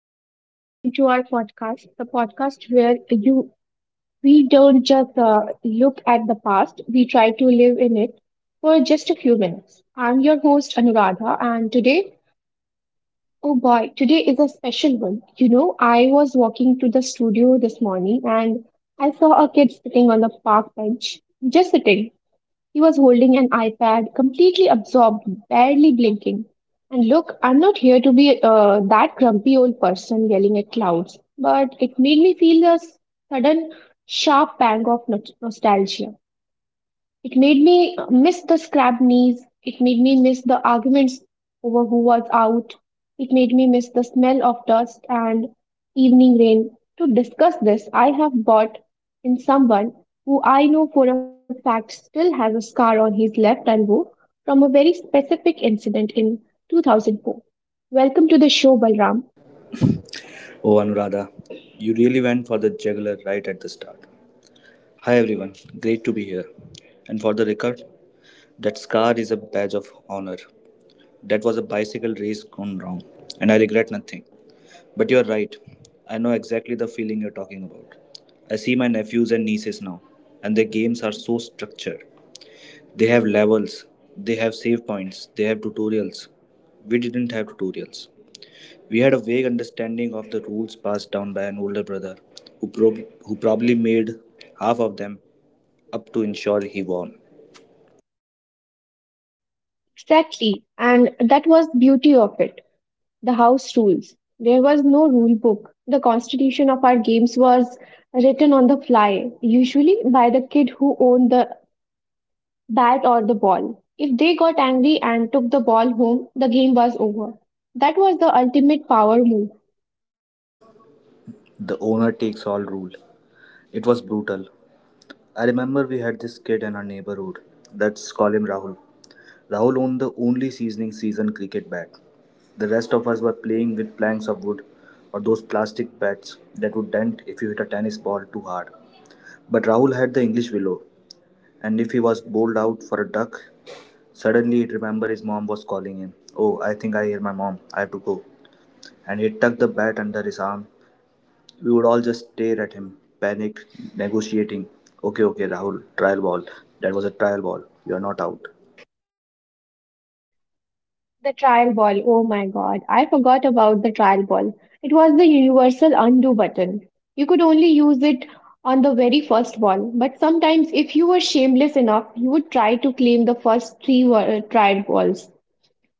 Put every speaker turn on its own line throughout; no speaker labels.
Hello and welcome to our podcast, the podcast where you we don't just look at the past, we try to live in it for just a few minutes. I'm your host Anuradha, and today, oh boy, today is a special one. You know, I was walking to the studio this morning and I saw a kid sitting on the park bench, just sitting. He was holding an iPad, completely absorbed, barely blinking. And look, I'm not here to be that grumpy old person yelling at clouds, but it made me feel a sudden, sharp pang of nostalgia. It made me miss the scrapped knees. It made me miss the arguments over who was out. It made me miss the smell of dust and evening rain. To discuss this, I have brought in someone who I know for a fact still has a scar on his left elbow from a very specific incident in 2004. Welcome to the show, Balram.
Oh, Anuradha, you really went for the jugular right at the start. Hi, everyone. Great to be here. And for the record, that scar is a badge of honor. That was a bicycle race gone wrong, and I regret nothing. But you're right. I know exactly the feeling you're talking about. I see my nephews and nieces now, and their games are so structured. They have levels, they have save points, they have tutorials. We didn't have tutorials. We had a vague understanding of the rules passed down by an older brother, who probably made half of them up to ensure he won.
Exactly, and that was beauty of it. The house rules. There was no rule book. The constitution of our games was written on the fly, usually by the kid who owned the bat or the ball. If they got angry and took the ball home, the game was over. That was the ultimate power move.
The owner takes all rule. It was brutal. I remember we had this kid in our neighborhood. Let's call him Rahul. Rahul owned the only season cricket bat. The rest of us were playing with planks of wood or those plastic bats that would dent if you hit a tennis ball too hard. But Rahul had the English willow, and if he was bowled out for a duck, suddenly it remembered his mom was calling him. Oh, I think I hear my mom. I have to go. And he tucked the bat under his arm. We would all just stare at him, panicked, negotiating. Okay, okay, Rahul, trial ball. That was a trial ball. You are not out.
The trial ball. Oh my god, I forgot about the trial ball. It was the universal undo button. You could only use it on the very first ball, but sometimes if you were shameless enough, you would try to claim the first three trial balls.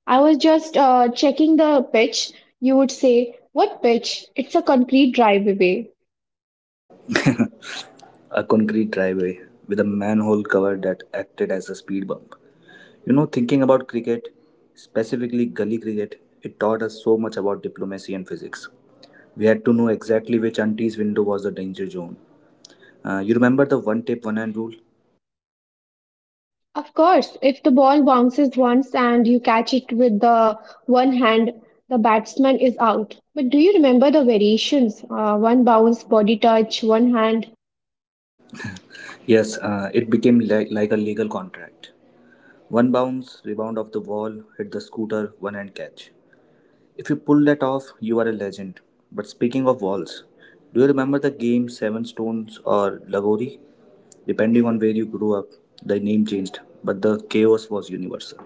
I was just checking the pitch. You would say, "What pitch? It's a concrete driveway."
A concrete driveway with a manhole cover that acted as a speed bump. You know, thinking about cricket, specifically gully cricket, it taught us so much about diplomacy and physics. We had to know exactly which auntie's window was the danger zone. You remember the one tape, one hand rule?
Of course, if the ball bounces once and you catch it with the one hand, the batsman is out. But do you remember the variations? One bounce, body touch, one hand.
Yes, it became like a legal contract. One bounce, rebound off the wall, hit the scooter, one hand catch. If you pull that off, you are a legend. But speaking of walls, do you remember the game Seven Stones or Lagori? Depending on where you grew up, the name changed, but the chaos was universal.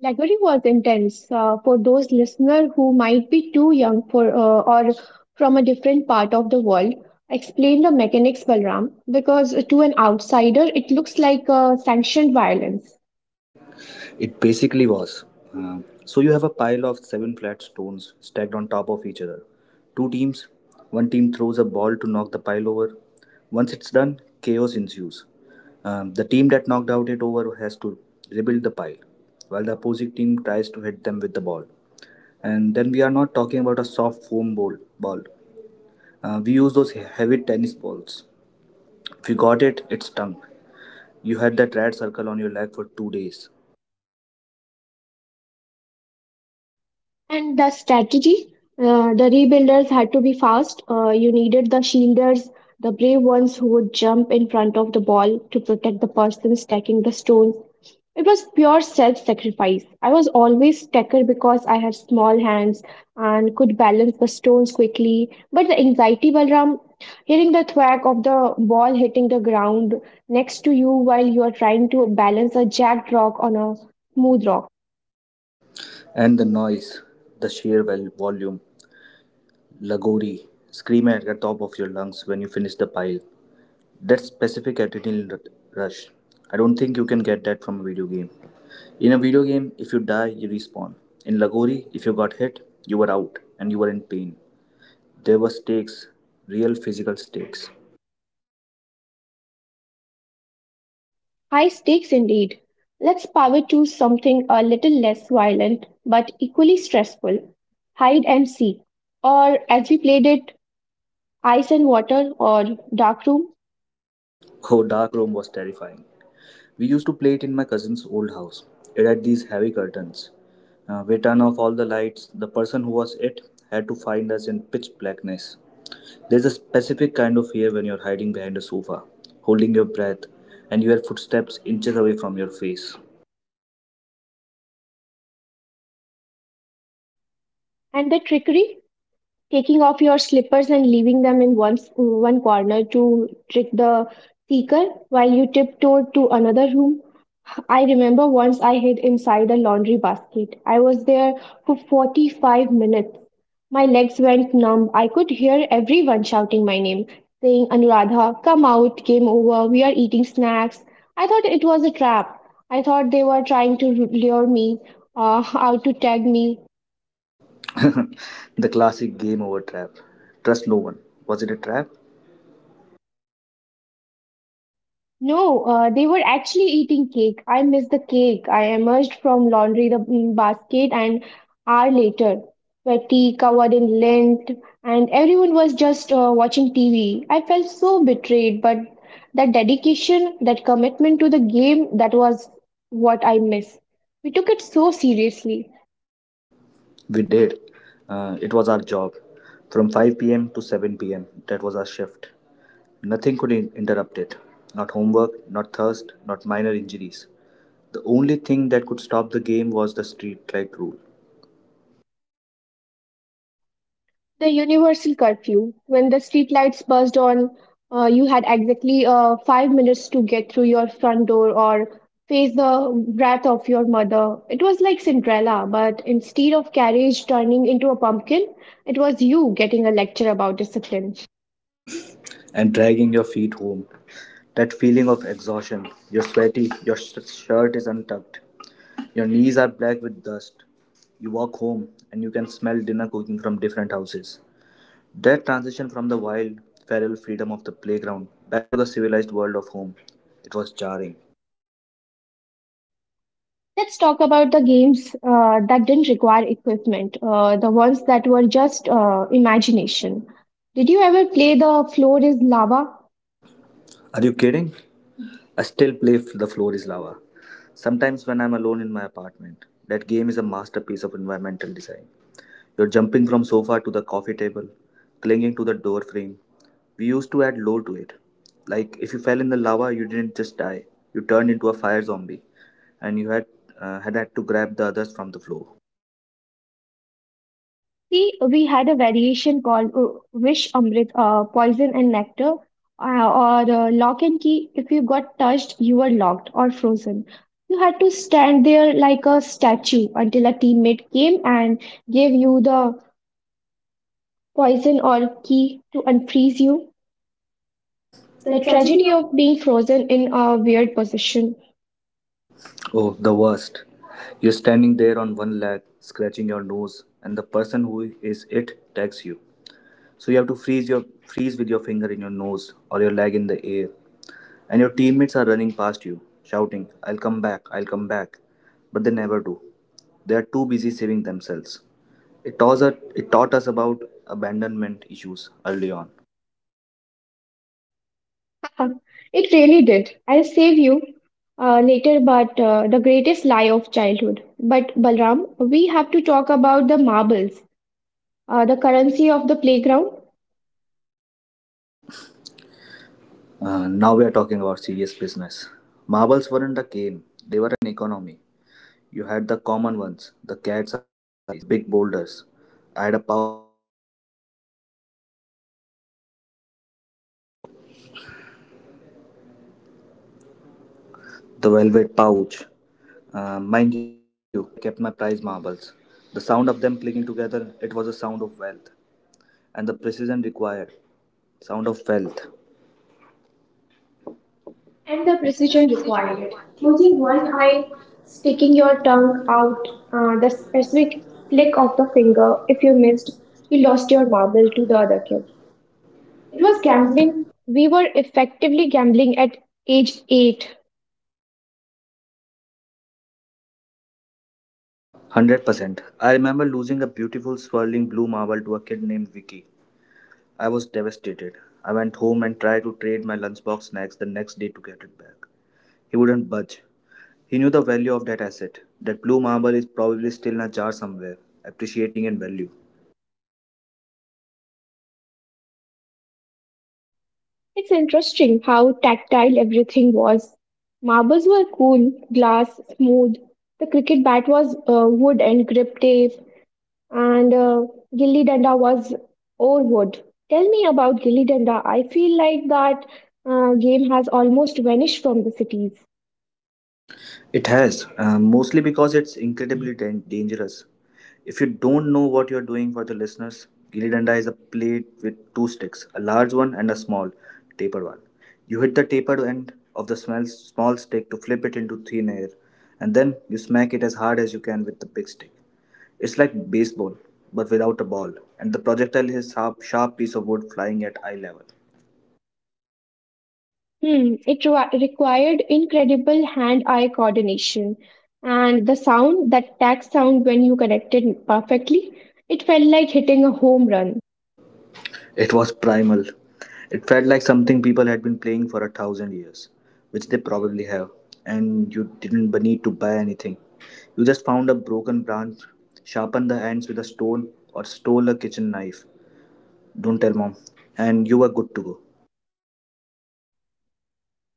Library was intense for those listeners who might be too young for or from a different part of the world. Explain the mechanics, Balram, because to an outsider it looks like sanctioned violence.
It basically was. Uh, so you have a pile of seven flat stones stacked on top of each other. Two teams, one team throws a ball to knock the pile over. Once it's done, chaos ensues. The team that knocked out it over has to rebuild the pile, while the opposing team tries to hit them with the ball. And then we are not talking about a soft foam ball. We use those heavy tennis balls. If you got it, it stung. You had that red circle on your leg for 2 days.
And the strategy, the rebuilders had to be fast. You needed the shielders, the brave ones who would jump in front of the ball to protect the person stacking the stones. It was pure self sacrifice. I was always tacker because I had small hands and could balance the stones quickly. But the anxiety, Balram, hearing the thwack of the ball hitting the ground next to you while you are trying to balance a jagged rock on a smooth rock.
And the noise, the sheer volume, lagori, screaming at the top of your lungs when you finish the pile. That specific adrenaline rush. I don't think you can get that from a video game. In a video game, if you die, you respawn. In lagori, if you got hit, you were out and you were in pain. There were stakes, real physical stakes.
High stakes indeed. Let's power to something a little less violent but equally stressful hide and seek, or as we played it, ice and water or dark room.
Oh, Dark Room was terrifying. We used to play it in my cousin's old house. It had these heavy curtains. We turned off all the lights. The person who was it had to find us in pitch blackness. There's a specific kind of fear when you're hiding behind a sofa, holding your breath, and your footsteps inches away from your face.
And the trickery taking off your slippers and leaving them in one corner to trick the seeker while you tiptoed to another room. I remember once I hid inside a laundry basket. I was there for 45 minutes. My legs went numb. I could hear everyone shouting my name, saying, "Anuradha, come out, game over, we are eating snacks." I thought it was a trap. I thought they were trying to lure me out to tag me.
The classic game over trap. Trust no one. Was it a trap?
No, they were actually eating cake. I missed the cake. I emerged from laundry the basket an hour later, sweaty, covered in lint, and everyone was just watching TV. I felt so betrayed, but that dedication, that commitment to the game, that was what I miss. We took it so seriously.
We did. It was our job. From 5 p.m. to 7 p.m., that was our shift. Nothing could interrupt it. Not homework, not thirst, not minor injuries. The only thing that could stop the game was the streetlight rule
The universal curfew. When the streetlights buzzed on, you had exactly 5 minutes to get through your front door or face the wrath of your mother. It was like Cinderella, but instead of carriage turning into a pumpkin, it was you getting a lecture about discipline.
and dragging your feet home. That feeling of exhaustion. You're sweaty, your shirt is untucked, your knees are black with dust. You walk home and you can smell dinner cooking from different houses. That transition from the wild, feral freedom of the playground back to the civilized world of home, it was jarring.
Let's talk about the games that didn't require equipment, the ones that were just imagination. Did you ever play the floor is lava?
Are you kidding? I still play The Floor is Lava. Sometimes when I'm alone in my apartment, that game is a masterpiece of environmental design. You're jumping from sofa to the coffee table, clinging to the door frame. We used to add lore to it. Like if you fell in the lava, you didn't just die. You turned into a fire zombie, and you had to grab the others from the floor.
See, we had a variation called Wish Amrit, Poison and Nectar, or Lock and Key. If you got touched, you were locked or frozen. You had to stand there like a statue until a teammate came and gave you the poison or key to unfreeze you.
The
The
tragedy.
tragedy of being frozen in a weird position.
Oh, the worst. You're standing there on one leg, scratching your nose, and the person who is it tags you. So you have to freeze with your finger in your nose or your leg in the air. And your teammates are running past you, shouting, I'll come back, I'll come back. But they never do. They are too busy saving themselves. It taught us about abandonment issues early on.
It really did. I'll save you later, but the greatest lie of childhood. But Balram, we have to talk about the marbles, the currency of the playground,
Now we are talking about serious business. Marbles weren't a game, they were an economy. You had the common ones, the cat's eyes, the big boulders. I had a power. The velvet pouch. Mind you, where I kept my prize marbles. The sound of them clicking together, it was a sound of wealth. And the precision required. Sound of wealth.
and
And
the
the
precision
precision
required.
required.
Using
Closing one
one
eye,
eye, taking
sticking
your
your
tongue
tongue
out,
out,
the
the
specific
specific
flick
flick
of
of
the
the
finger.
finger.
If
If
you
you
missed,
missed,
you
you lost
lost
your
your marble
marble to
to the
the
other
other
kid.
kid.
It
It
was
was
gambling.
gambling.
We were effectively gambling at age eight.
100%. I remember losing a beautiful swirling blue marble to a kid named Vicky. I was devastated. I went home and tried to trade my lunchbox snacks the next day to get it back. He wouldn't budge. He knew the value of that asset. That blue marble is probably still in a jar somewhere, appreciating in value.
It's interesting how tactile everything was. Marbles were cool, glass, smooth. The cricket bat was wood and grip tape. And Gilli Danda was Orwood. Tell me about Gilli Danda. I feel like that game has almost vanished from the cities.
It has, mostly because it's incredibly dangerous. If you don't know what you're doing for the listeners, Gilli Danda is a plate with two sticks, a large one and a small, tapered one. You hit the tapered end of the small stick to flip it into thin air, and then you smack it as hard as you can with the big stick. It's like baseball, but without a ball, and the projectile is a sharp, sharp piece of wood flying at eye level.
Hmm, it required incredible hand-eye coordination and the sound, that tack sound when you connected perfectly, it felt like hitting a home run.
It was primal. It felt like something people had been playing for 1,000 years, which they probably have, and you didn't need to buy anything. You just found a broken branch, sharpened the ends with a stone, or stole a kitchen knife. Don't tell mom. And you were good to go.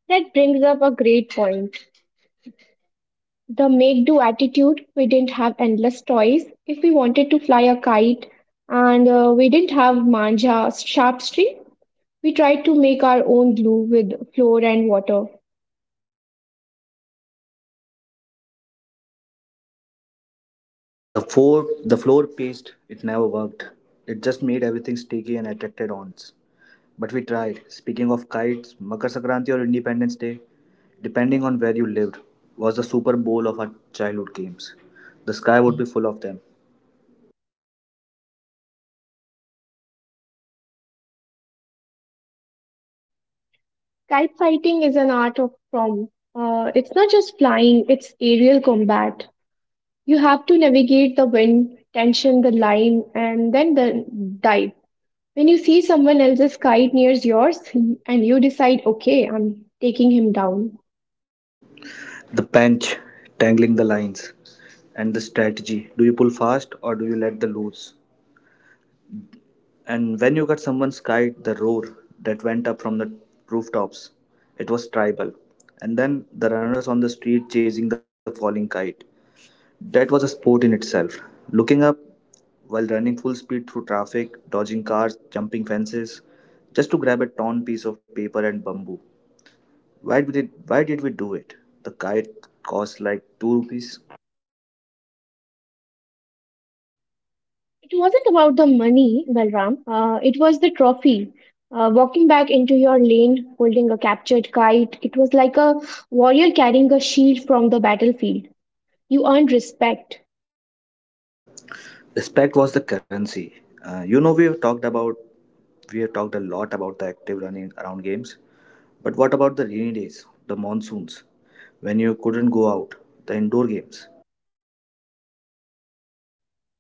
That brings up a great point. The make-do attitude, we didn't have endless toys. If we wanted to fly a kite, and we didn't have manja sharp string, we tried to make our own glue with flour and water.
The floor paste, it never worked. It just made everything sticky and attracted ants. But we tried. Speaking of kites, Makar Sakranti or Independence Day, depending on where you lived, was the Super Bowl of our childhood games. The sky would be full of them.
Kite fighting is an art of from. It's not just flying; it's aerial combat. You have to navigate the wind, tension the line, and then the dive. When you see someone else's kite nears yours, and you decide, okay, I'm taking him down.
The bench, tangling the lines, and the strategy. Do you pull fast or do you let the loose? And when you got someone's kite, the roar that went up from the rooftops, it was tribal. And then the runners on the street chasing the falling kite. That was a sport in itself. Looking up while running full speed through traffic, dodging cars, jumping fences, just to grab a torn piece of paper and bamboo. Why did we do it? The kite cost like 2 rupees.
It wasn't about the money, Balram. It was the trophy. Walking back into your lane, holding a captured kite, it was like a warrior carrying a shield from the battlefield. You earned respect.
Respect was the currency. We have talked a lot about the active running around games. But what about the rainy days, the monsoons, when you couldn't go out, the indoor games?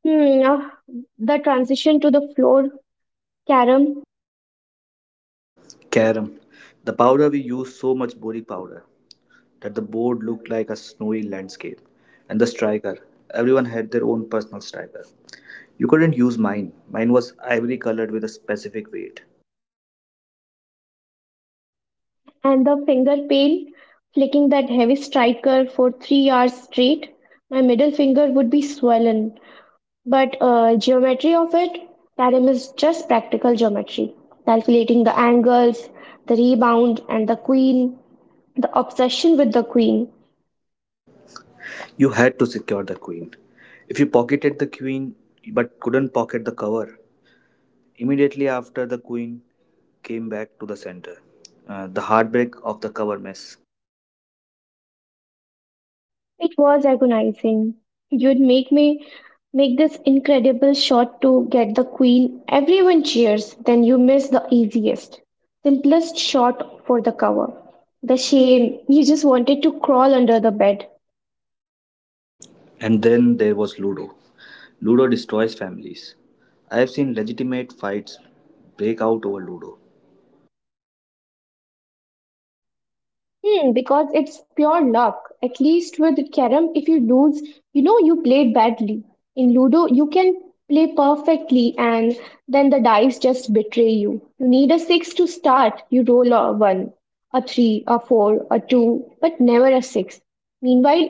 Hmm, ah, the transition to the floor carom
Carom, the powder, we used so much body powder that the board looked like a snowy landscape. And the striker, everyone had their own personal striker. You couldn't use mine. Mine was ivory colored with a specific weight.
and the finger pain, flicking that heavy striker for 3 hours straight, my middle finger would be swollen. But geometry of it, Tarim is just practical geometry, calculating the angles, the rebound, and the queen, the obsession with the queen.
You had to secure the queen. If you pocketed the queen but couldn't pocket the cover, immediately after the queen came back to the center. The heartbreak of the cover mess.
It was agonizing. You'd make this incredible shot to get the queen. Everyone cheers, then you miss the easiest, simplest shot for the cover. The shame, you just wanted to crawl under the bed.
And then there was Ludo. Ludo destroys families. I have seen legitimate fights break out over Ludo.
Hmm, because it's pure luck. At least with carrom, if you lose, you know you played badly. In Ludo, you can play perfectly and then the dice just betray you. You need a six to start. You roll a one, a three, a four, a two, but never a six. Meanwhile,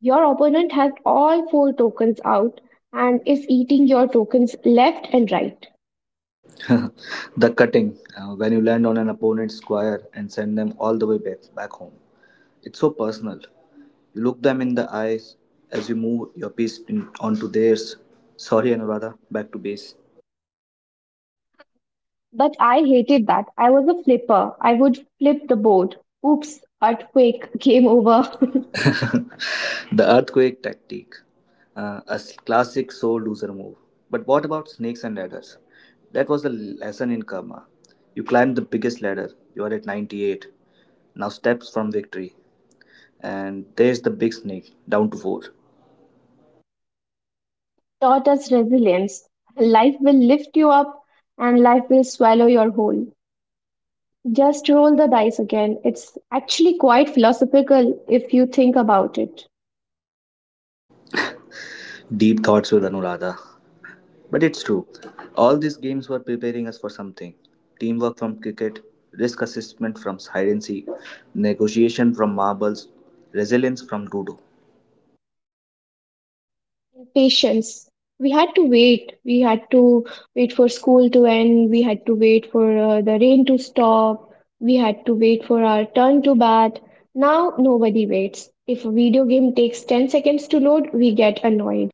your opponent has all four tokens out and is eating your tokens left and right.
The cutting, when you land on an opponent's square and send them all the way back home. It's so personal. You look them in the eyes as you move your piece in, onto theirs. Sorry, Anuradha, back to base.
But I hated that. I was a flipper. I would flip the board. Oops, earthquake, game over.
The earthquake tactic, a classic soul loser move. But what about snakes and ladders? That was the lesson in karma. You climbed the biggest ladder, you are at 98, now steps from victory. And there's the big snake, down to 4.
Taught us resilience. Life will lift you up and life will swallow your whole. Just roll the dice again. It's actually quite philosophical if you think about it.
Deep thoughts with Anuradha. But it's true, all these games were preparing us for something: teamwork from cricket, risk assessment from hide and seek, negotiation from marbles, resilience from dodo.
Patience. We had to wait. We had to wait for school to end. We had to wait for the rain to stop. We had to wait for our turn to bat. Now nobody waits. If a video game takes 10 seconds to load, we get annoyed.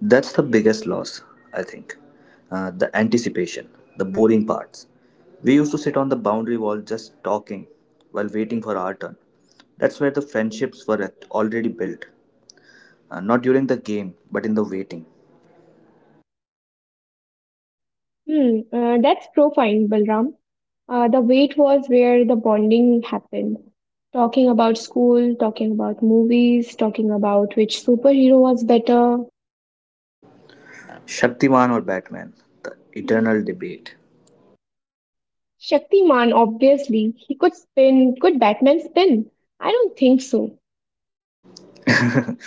That's the biggest loss, I think. The anticipation, the boring parts. We used to sit on the boundary wall just talking while waiting for our turn. That's where the friendships were already built. Not during the game, but in the waiting.
Hmm, that's profound, Balram. The wait was where the bonding happened. Talking about school, talking about movies, talking about which superhero was better,
Shaktiman or Batman, the eternal debate.
Shaktiman, obviously, he could spin. Could Batman spin? I don't think so.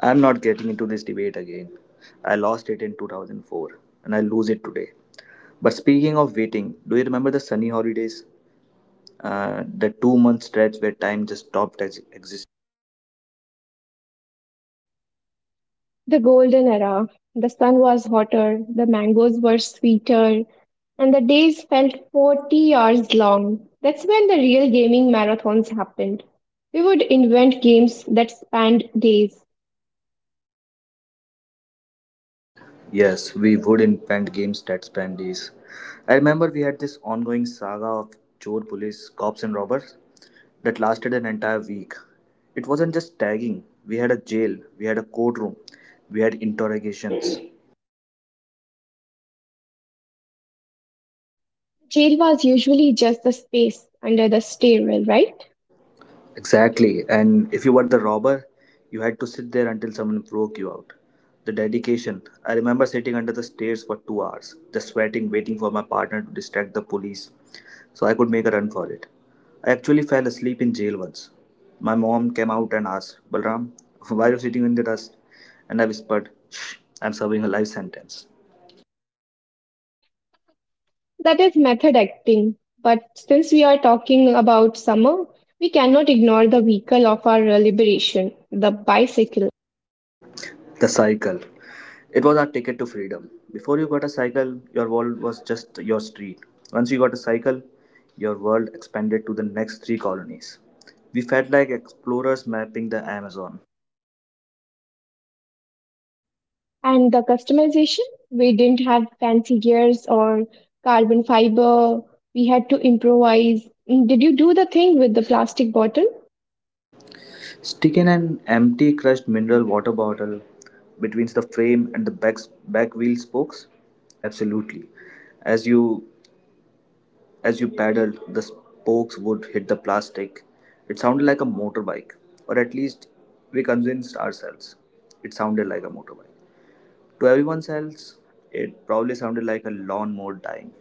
I'm not getting into this debate again. I lost it in 2004 and I lose it today. But speaking of waiting, do you remember the sunny holidays? The 2 month stretch where time just stopped existing.
The golden era. The sun was hotter, the mangoes were sweeter, and the days felt 40 hours long. That's when the real gaming marathons happened. We would invent games that spanned days.
Yes, we would invent games that span days. I remember we had this ongoing saga of chore police, cops, and robbers that lasted an entire week. It wasn't just tagging; we had a jail, we had a courtroom, we had interrogations.
Jail was usually just the space under the stairwell, right?
Exactly. And if you were the robber, you had to sit there until someone broke you out. The dedication. I remember sitting under the stairs for 2 hours, just sweating, waiting for my partner to distract the police so I could make a run for it. I actually fell asleep in jail once. My mom came out and asked, "Balram, why are you sitting in the dust?" And I whispered, "Shh, I'm serving a life sentence."
That is method acting. But since we are talking about summer, we cannot ignore the vehicle of our liberation, the bicycle.
The cycle. It was our ticket to freedom. Before you got a cycle, your world was just your street. Once you got a cycle, your world expanded to the next three colonies. We felt like explorers mapping the Amazon.
And the customization, we didn't have fancy gears or carbon fiber. We had to improvise. Mm, did you do the thing with the plastic bottle?
Sticking an empty crushed mineral water bottle between the frame and the back wheel spokes? Absolutely. As you as you paddled, the spokes would hit the plastic. It sounded like a motorbike, or at least we convinced ourselves it sounded like a motorbike. To everyone else, it probably sounded like a lawnmower dying.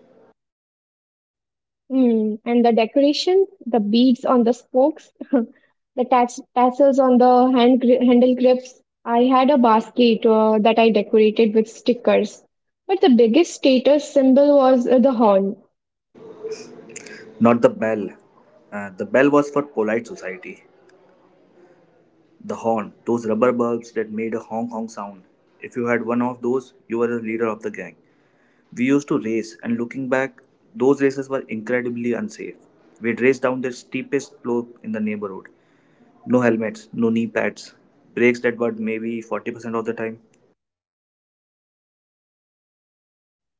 Mm, and the decorations, the beads on the spokes, the tats tassels on the handle grips. I had a basket that I decorated with stickers. But the biggest status symbol was the horn.
Not the bell. The bell was for polite society. The horn, those rubber bulbs that made a honk honk sound. If you had one of those, you were the leader of the gang. We used to race, and looking back, those races were incredibly unsafe. We'd race down the steepest slope in the neighborhood. No helmets, no knee pads, brakes that were maybe 40% of the time.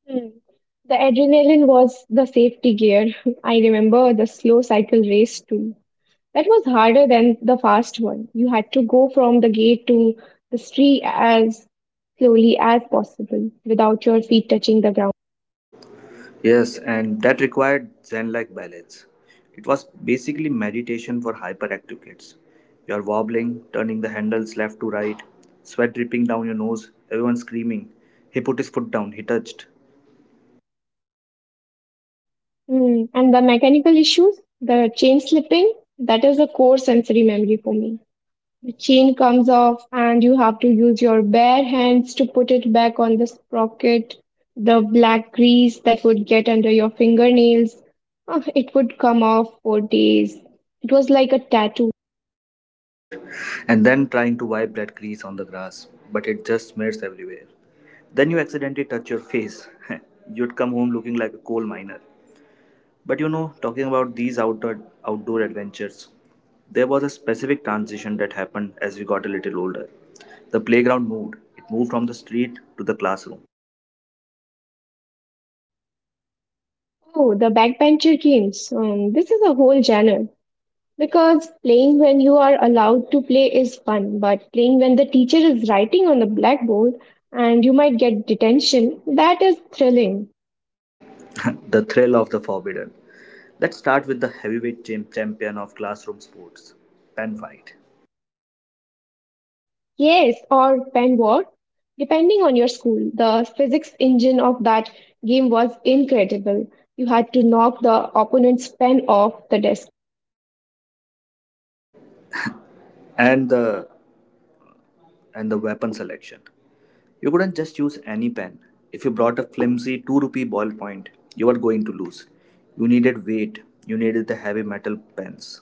Mm. The adrenaline was the safety gear. I remember the slow cycle race too. That was harder than the fast one. You had to go from the gate to the street as slowly as possible without your feet touching the ground.
Yes, and that required Zen like balance. It was basically meditation for hyperactive kids. You're wobbling, turning the handles left to right, sweat dripping down your nose, everyone screaming. He put his foot down, he touched,
Mm, and the mechanical issues, the chain slipping, that is a core sensory memory for me. The chain comes off, and you have to use your bare hands to put it back on the sprocket. The black grease that would get under your fingernails, ah, it would come off for days. It was like a tattoo.
and then trying to wipe that grease on the grass, but it just smears everywhere. Then you accidentally touch your face. You'd come home looking like a coal miner. But talking about these outdoor adventures, there was a specific transition that happened as we got a little older. The playground moved. It moved from the street to the classroom.
Oh, the backbencher games. This is a whole genre. Because playing when you are allowed to play is fun, but playing when the teacher is writing on the blackboard and you might get detention, that is thrilling.
The thrill of the forbidden. Let's start with the heavyweight champion of classroom sports, pen fight,
Yes, or pen war. Depending on your school, the physics engine of that game was incredible. You had to knock the opponent's pen off the desk.
and the and the weapon selection. You couldn't just use any pen. If you brought a flimsy 2 rupee ballpoint, you were going to lose. You needed weight. You needed the heavy metal pens.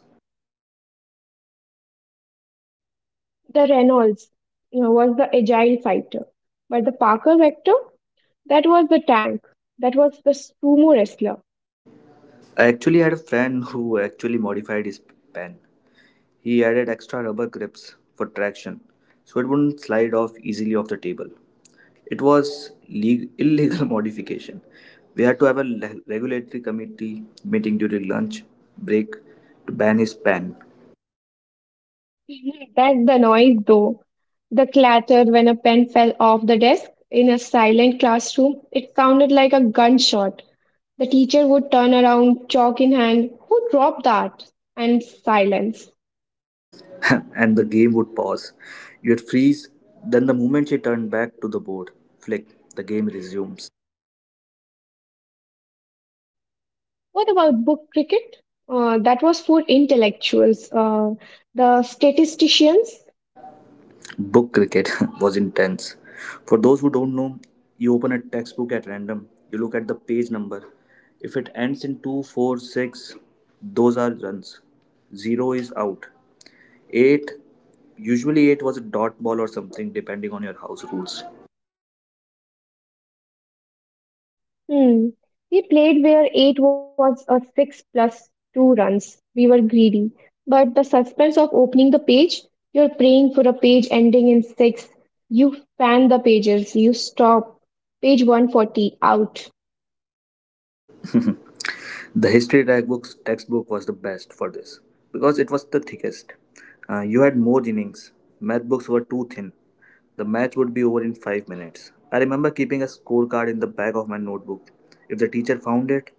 The Reynolds, you know, was the agile fighter, but the Parker Vector, that was the tank, that was the sumo wrestler.
I actually had a friend who actually modified his pen. He added extra rubber grips for traction so it wouldn't slide off easily off the table. It was illegal modification. We had to have a regulatory committee meeting during lunch break to ban his pen.
That's the noise, though. The clatter when a pen fell off the desk in a silent classroom, it sounded like a gunshot. The teacher would turn around, chalk in hand, who dropped that? And silence.
And the game would pause. You'd freeze, then the moment she turned back to the board, flick, the game resumes.
What about book cricket? That was for intellectuals, the statisticians.
Book cricket was intense. For those who don't know, you open a textbook at random, you look at the page number. If it ends in 2, 4, 6, those are runs. 0 is out. 8, usually 8 was a dot ball or something depending on your house rules.
Hmm. We played where eight was a six plus two runs. We were greedy. But the suspense of opening the page, you're praying for a page ending in six. You fan the pages, you stop. Page 140, out.
The history textbook's textbook was the best for this because it was the thickest. You had more innings. Math books were too thin. The match would be over in 5 minutes. I remember keeping a scorecard in the back of my notebook. If the teacher found it,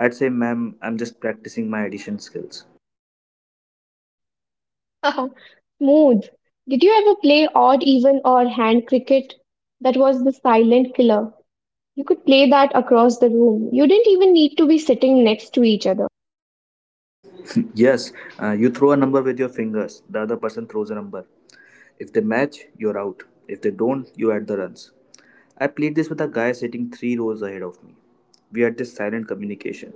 I'd say, "Ma'am, I'm just practicing my addition skills."
Smooth. Did you ever play odd even or hand cricket? That was the silent killer. You could play that across the room. You didn't even need to be sitting next to each other.
Yes, you throw a number with your fingers, the other person throws a number. If they match, you're out. If they don't, you add the runs. I played this with a guy sitting three rows ahead of me. We had this silent communication.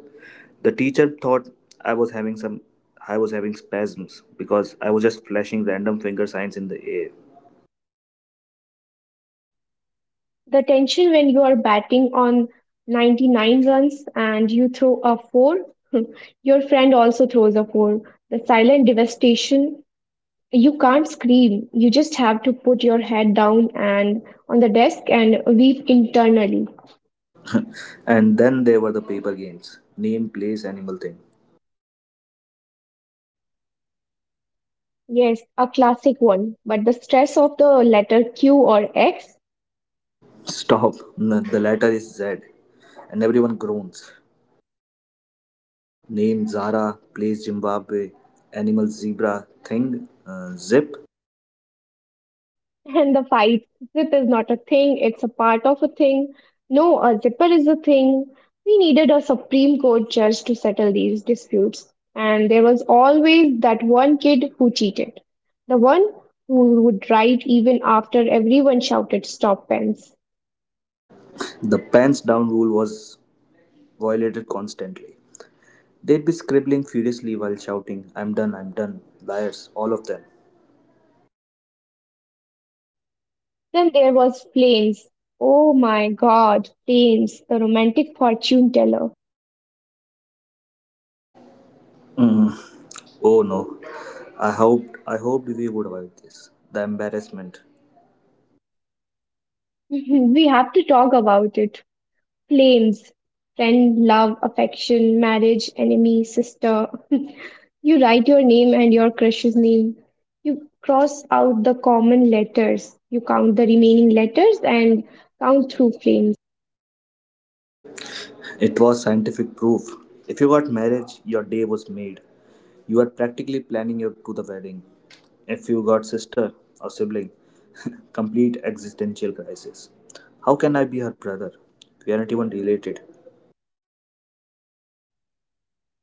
The teacher thought I was having some I was having spasms because I was just flashing random finger signs in the air.
The tension when you are batting on 99 runs and you throw a four, your friend also throws a four. The silent devastation, you can't scream. You just have to put your head down and on the desk and weep internally.
And then there were the paper games. Name, place, animal, thing.
Yes, a classic one. But the stress of the letter Q or X.
Stop. No, the letter is Z. And everyone groans. Name Zara, place Zimbabwe, animal zebra, thing, zip.
And the fight, zip is not a thing, it's a part of a thing. No, a zipper is a thing. We needed a Supreme Court judge to settle these disputes. And there was always that one kid who cheated, the one who would write even after everyone shouted stop pens.
The pants down rule was violated constantly. They'd be scribbling furiously while shouting, "I'm done, I'm done." Liars, all of them.
Then there was Flames. Oh my God, Flames, the romantic fortune teller.
Mm. Oh no. I hoped we would avoid this. The embarrassment.
We have to talk about it. Flames, friend, love, affection, marriage, enemy, sister. You write your name and your crush's name. You cross out the common letters. You count the remaining letters and count through flames.
It was scientific proof. If you got marriage, your day was made. You are practically planning your to the wedding. If you got sister or sibling, complete existential crisis. How can I be her brother? We aren't even related.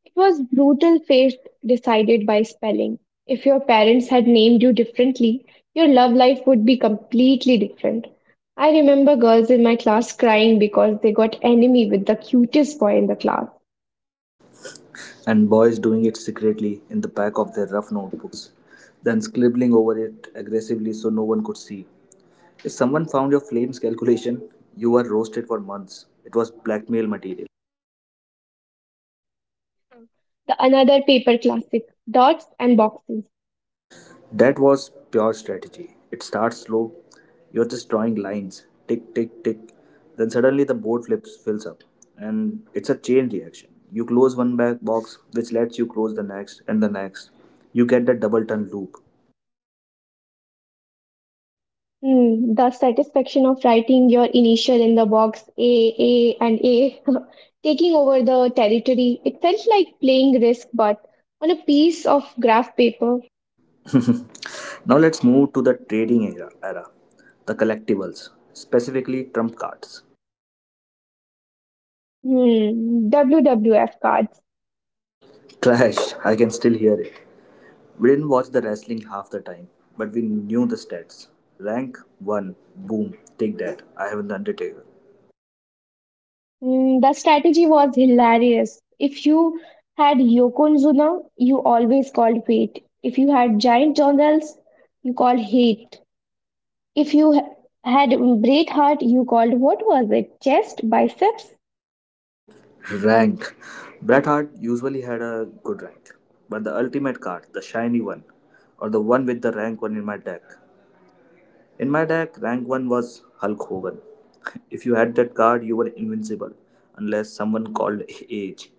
It was brutal fate decided by spelling. If your parents had named you differently, your love life would be completely different. I remember girls in my class crying because they got enemy with the cutest boy in the class.
And boys doing it secretly in the back of their rough notebooks, then scribbling over it aggressively so no one could see. If someone found your flames calculation, you were roasted for months. It was blackmail material.
Hmm. The another paper classic, dots and boxes.
That was pure strategy. It starts slow. You're just drawing lines. Tick, tick, tick. Then suddenly the board flips, fills up. And it's a chain reaction. You close one back box, which lets you close the next and the next. You get that double turn loop.
Hmm, the satisfaction of writing your initial in the box A, and A, taking over the territory. It felt like playing Risk, but on a piece of graph paper.
Now let's move to the trading era, the collectibles, specifically trump cards.
Hmm, WWF cards.
Clash, I can still hear it. We didn't watch the wrestling half the time, but we knew the stats. Rank 1, boom, take that, I have the Undertaker.
Mm, the strategy was hilarious. If you had Yokozuna, you always called fate. If you had giant jungles, you called hate. If you had great heart, you called what was it? Chest, biceps?
Rank. Bret Hart usually had a good rank, but the ultimate card, the shiny one, or the one with the rank 1 in my deck, in my deck, rank 1 was Hulk Hogan. If you had that card, you were invincible, unless someone called age.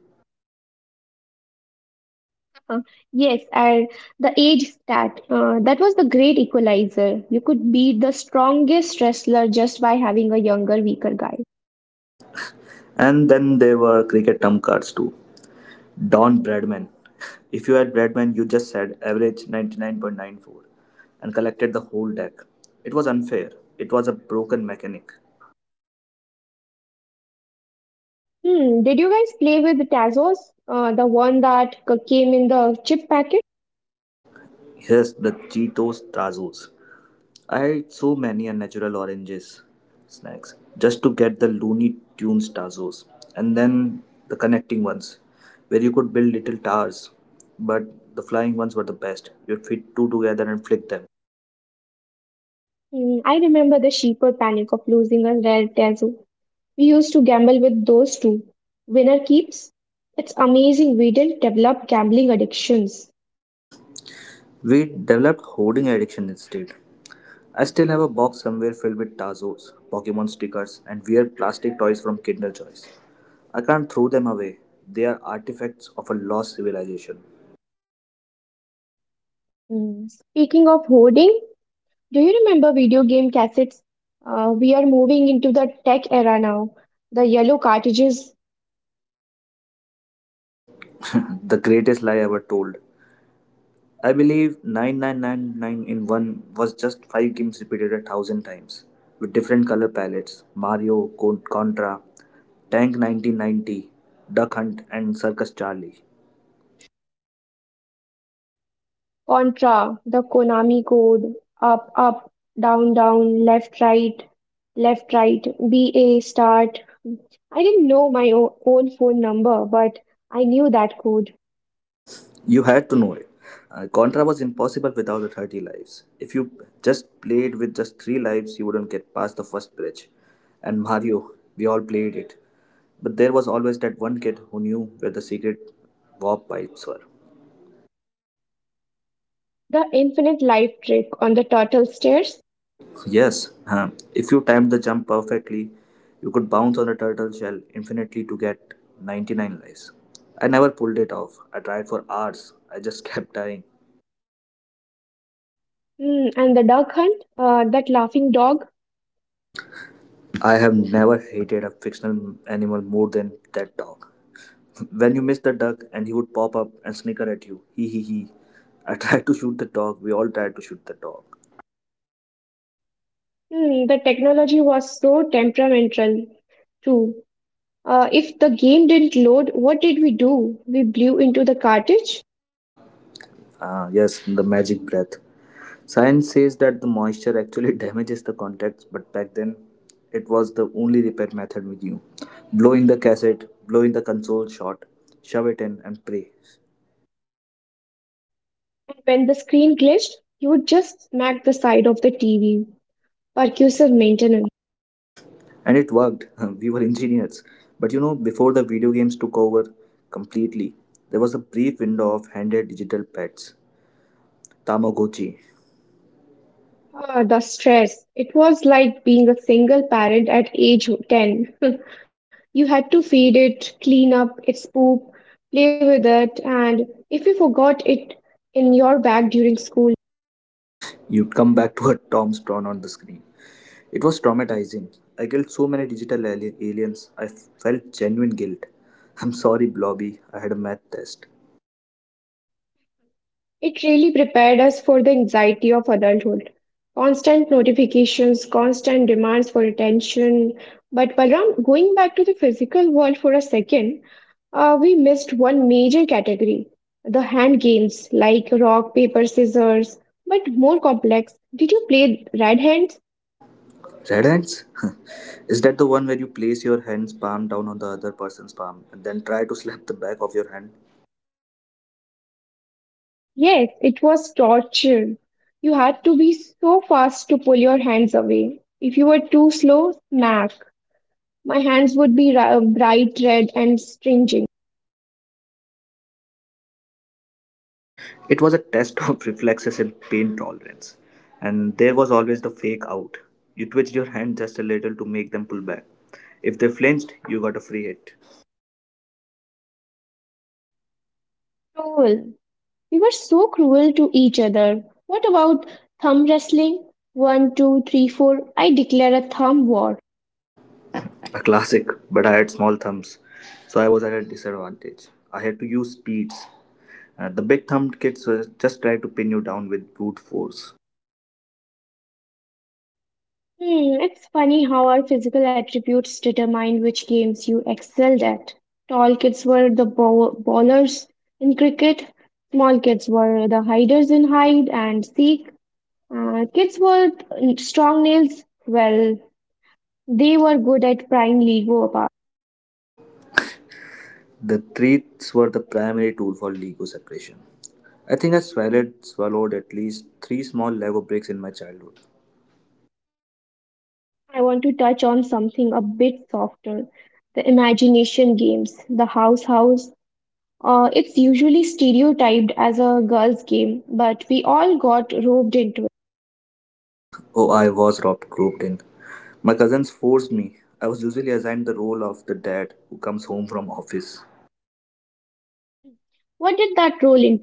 Uh, yes, and the age stat. That was the great equalizer. You could beat the strongest wrestler just by having a younger, weaker guy.
And then there were cricket term cards too. Don Bradman. If you had Bradman, you just said average 99.94 and collected the whole deck. It was unfair. It was a broken mechanic.
Hmm, did you guys play with Tazos? The one that came in the chip packet?
Yes, the Cheetos Tazos. I ate so many unnatural oranges snacks just to get the Looney Tunes Tazos, and then the connecting ones where you could build little towers. But the flying ones were the best. You'd fit two together and flick them.
Mm, I remember the sheeper panic of losing a rare tazu. We used to gamble with those two. Winner keeps. It's amazing we didn't develop gambling addictions.
We developed hoarding addiction instead. I still have a box somewhere filled with Tazos, Pokemon stickers, and weird plastic toys from Kinder Joy's. I can't throw them away. They are artifacts of a lost civilization.
Mm, speaking of hoarding, do you remember video game cassettes? We are moving into the tech era now. The yellow cartridges.
The greatest lie ever told. I believe 9999 in 1 was just 5 games repeated a thousand times, with different color palettes Mario, Contra, Tank 1990, Duck Hunt, and Circus Charlie.
Contra, the Konami code, up, up, down, down, left, right, BA, start. I didn't know my own phone number, but I knew that code.
You had to know it. Contra was impossible without the 30 lives. If you just played with just 3 lives, you wouldn't get past the first bridge. And Mario, we all played it. But there was always that one kid who knew where the secret warp pipes were.
The infinite life trick on the turtle stairs.
Yes, huh. If you timed the jump perfectly, you could bounce on the turtle shell infinitely to get 99 lives. I never pulled it off. I tried for hours. I just kept dying.
Hmm, and the duck hunt, that laughing dog.
I have never hated a fictional animal more than that dog. When you miss the duck and he would pop up and snicker at you, he he. I tried to shoot the dog. We all tried to shoot the dog.
Hmm, the technology was so temperamental, too. If the game didn't load, what did we do? We blew into the cartridge?
Ah, yes, the magic breath. Science says that the moisture actually damages the contacts, but back then it was the only repair method we knew. Blow in the cassette, blow in the console shot, shove it in, and pray.
When the screen glitched, you would just smack the side of the TV. Percussive maintenance.
And it worked. We were engineers. But you know, before the video games took over completely, there was a brief window of handheld digital pets, Tamagotchi.
Ah, the stress. It was like being a single parent at age 10. You had to feed it, clean up its poop, play with it, and if you forgot it in your bag during school.
You'd come back to a Tom's drawn on the screen. It was traumatizing. I killed so many digital aliens, I felt genuine guilt. I'm sorry, Blobby, I had a math test.
It really prepared us for the anxiety of adulthood. Constant notifications, constant demands for attention. But Balram, going back to the physical world for a second, we missed one major category, the hand games like rock, paper, scissors, but more complex. Did you play Red Hands?
Red hands? Is that the one where you place your hand's palm down on the other person's palm and then try to slap the back of your hand?
Yes, it was torture. You had to be so fast to pull your hands away. If you were too slow, smack. My hands would be bright red and stringing.
It was a test of reflexes and pain tolerance. And there was always the fake out. You twitched your hand just a little to make them pull back. If they flinched, you got a free hit.
Cruel. We were so cruel to each other. What about thumb wrestling? One, two, three, four. I declare a thumb war.
A classic, but I had small thumbs, so I was at a disadvantage. I had to use speeds. The big thumbed kids were just tried to pin you down with brute force.
Hmm, it's funny how our physical attributes determine which games you excelled at. Tall kids were the bowlers in cricket, small kids were the hiders in hide and seek, kids were strong nails. Well, they were good at prying Lego apart.
The threats were the primary tool for Lego separation. I think I swallowed at least three small Lego bricks in my childhood.
I want to touch on something a bit softer, the imagination games, the house house. It's usually stereotyped as a girl's game, but we all got roped into it.
Oh, I was robbed, groped in. My cousins forced me. I was usually assigned the role of the dad who comes home from office.
What did that roll in?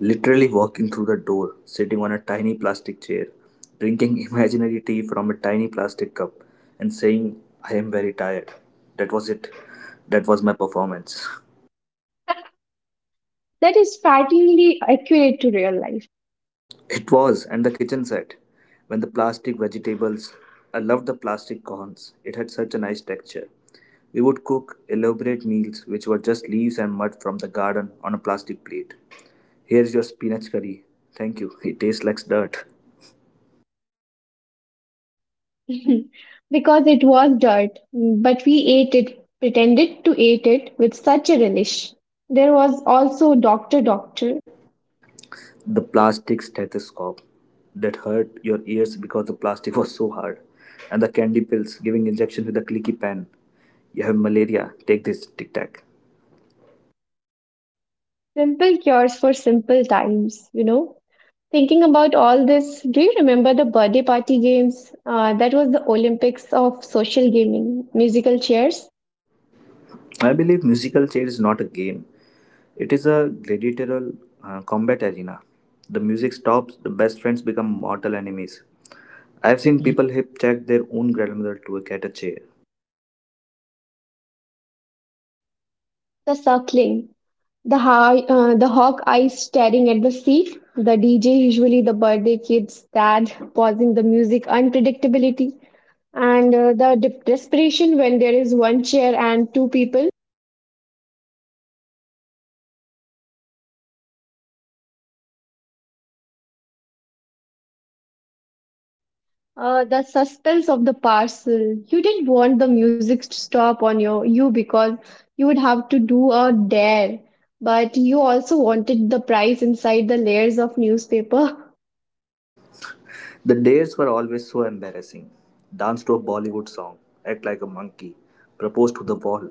Literally walking through the door, sitting on a tiny plastic chair, drinking imaginary tea from a tiny plastic cup, and saying, I am very tired. That was it. That was my performance.
That is frighteningly accurate to real life.
It was, and the kitchen set. When the plastic vegetables, I loved the plastic corns. It had such a nice texture. We would cook elaborate meals which were just leaves and mud from the garden on a plastic plate. Here's your spinach curry. Thank you. It tastes like dirt.
Because it was dirt, but we ate it, pretended to eat it with such a relish. There was also Doctor Doctor,
The plastic stethoscope that hurt your ears because the plastic was so hard, and the candy pills giving injection with a clicky pen. You have malaria, take this tic tac.
simple cures for simple times, you know. Thinking about all this, do you remember the birthday party games? That was the Olympics of social gaming, musical chairs,
I believe musical chair is not a game, it is a gladiatorial combat arena. The music stops, the best friends become mortal enemies. I have seen people hip check their own grandmother to a cat a chair.
the circling, the high, the hawk eyes staring at the seat, the DJ, usually the birthday kid's dad, pausing the music unpredictability, and the desperation when there is one chair and two people.
Yes, you sit on the edge, you sit on the lap, you just refuse to move, and then the other game, passing the parcel.
The suspense of the parcel. You didn't want the music to stop on your you because you would have to do a dare, but you also wanted the prize inside the layers of newspaper.
The dates were always so embarrassing. Dance to a Bollywood song, act like a monkey, propose to the wall.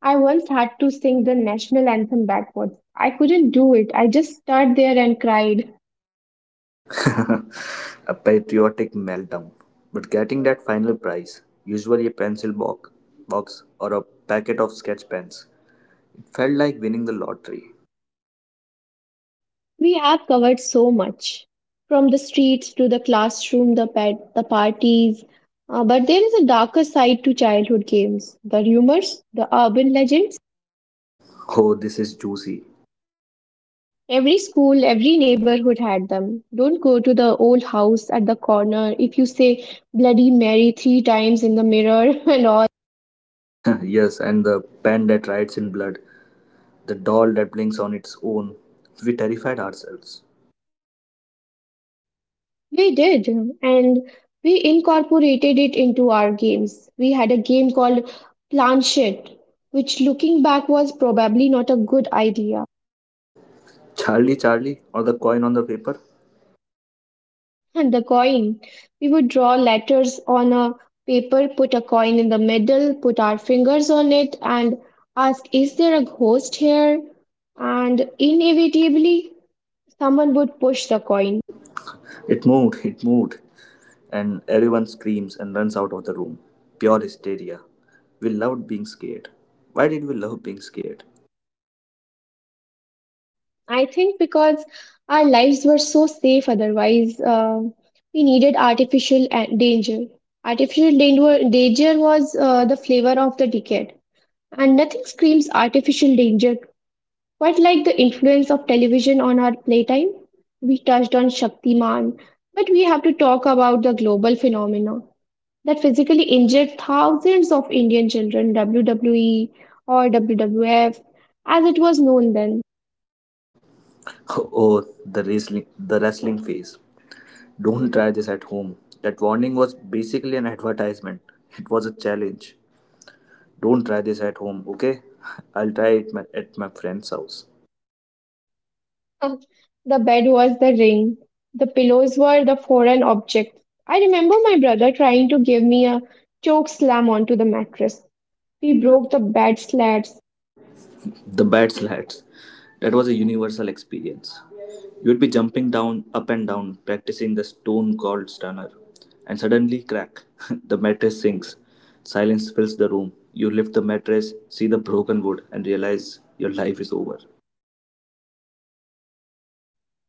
I once had to sing the national anthem backwards. I couldn't do it. I just stood there and cried.
A patriotic meltdown. But getting that final prize, usually a pencil box, box or a packet of sketch pens, it felt like winning the lottery.
We have covered so much, from the streets to the classroom, the pet, the parties. But there is a darker side to childhood games. The rumors, the urban legends.
Oh, this is juicy.
Every school, every neighborhood had them. Don't go to the old house at the corner if you say Bloody Mary three times in the mirror and all.
Yes, and the pen that writes in blood, the doll that blinks on its own. We terrified ourselves.
We did, and we incorporated it into our games. We had a game called Planchet, which looking back was probably not a good idea.
Charlie, Charlie, or the coin on the paper?
And the coin. We would draw letters on a paper, put a coin in the middle, put our fingers on it, and ask, is there a ghost here? And inevitably, someone would push the coin.
It moved, it moved. And everyone screams and runs out of the room. Pure hysteria. We loved being scared. Why did we love being scared?
I think because our lives were so safe otherwise, we needed artificial danger. Artificial danger, danger was the flavor of the decade, and nothing screams artificial danger. But like the influence of television on our playtime, we touched on Shaktiman, but we have to talk about the global phenomena that physically injured thousands of Indian children, WWE or WWF, as it was known then.
Oh, the wrestling phase. Don't try this at home. That warning was basically an advertisement. It was a challenge. Don't try this at home, okay? I'll try at my friend's house.
The bed was the ring, the pillows were the foreign objects. I remember my brother trying to give me a choke slam onto the mattress. We broke the bed slats,
The bad slats. That was a universal experience. You would be jumping down, up and down, practicing the stone called stunner. And suddenly, crack, the mattress sinks. Silence fills the room. You lift the mattress, see the broken wood, and realize your life is over.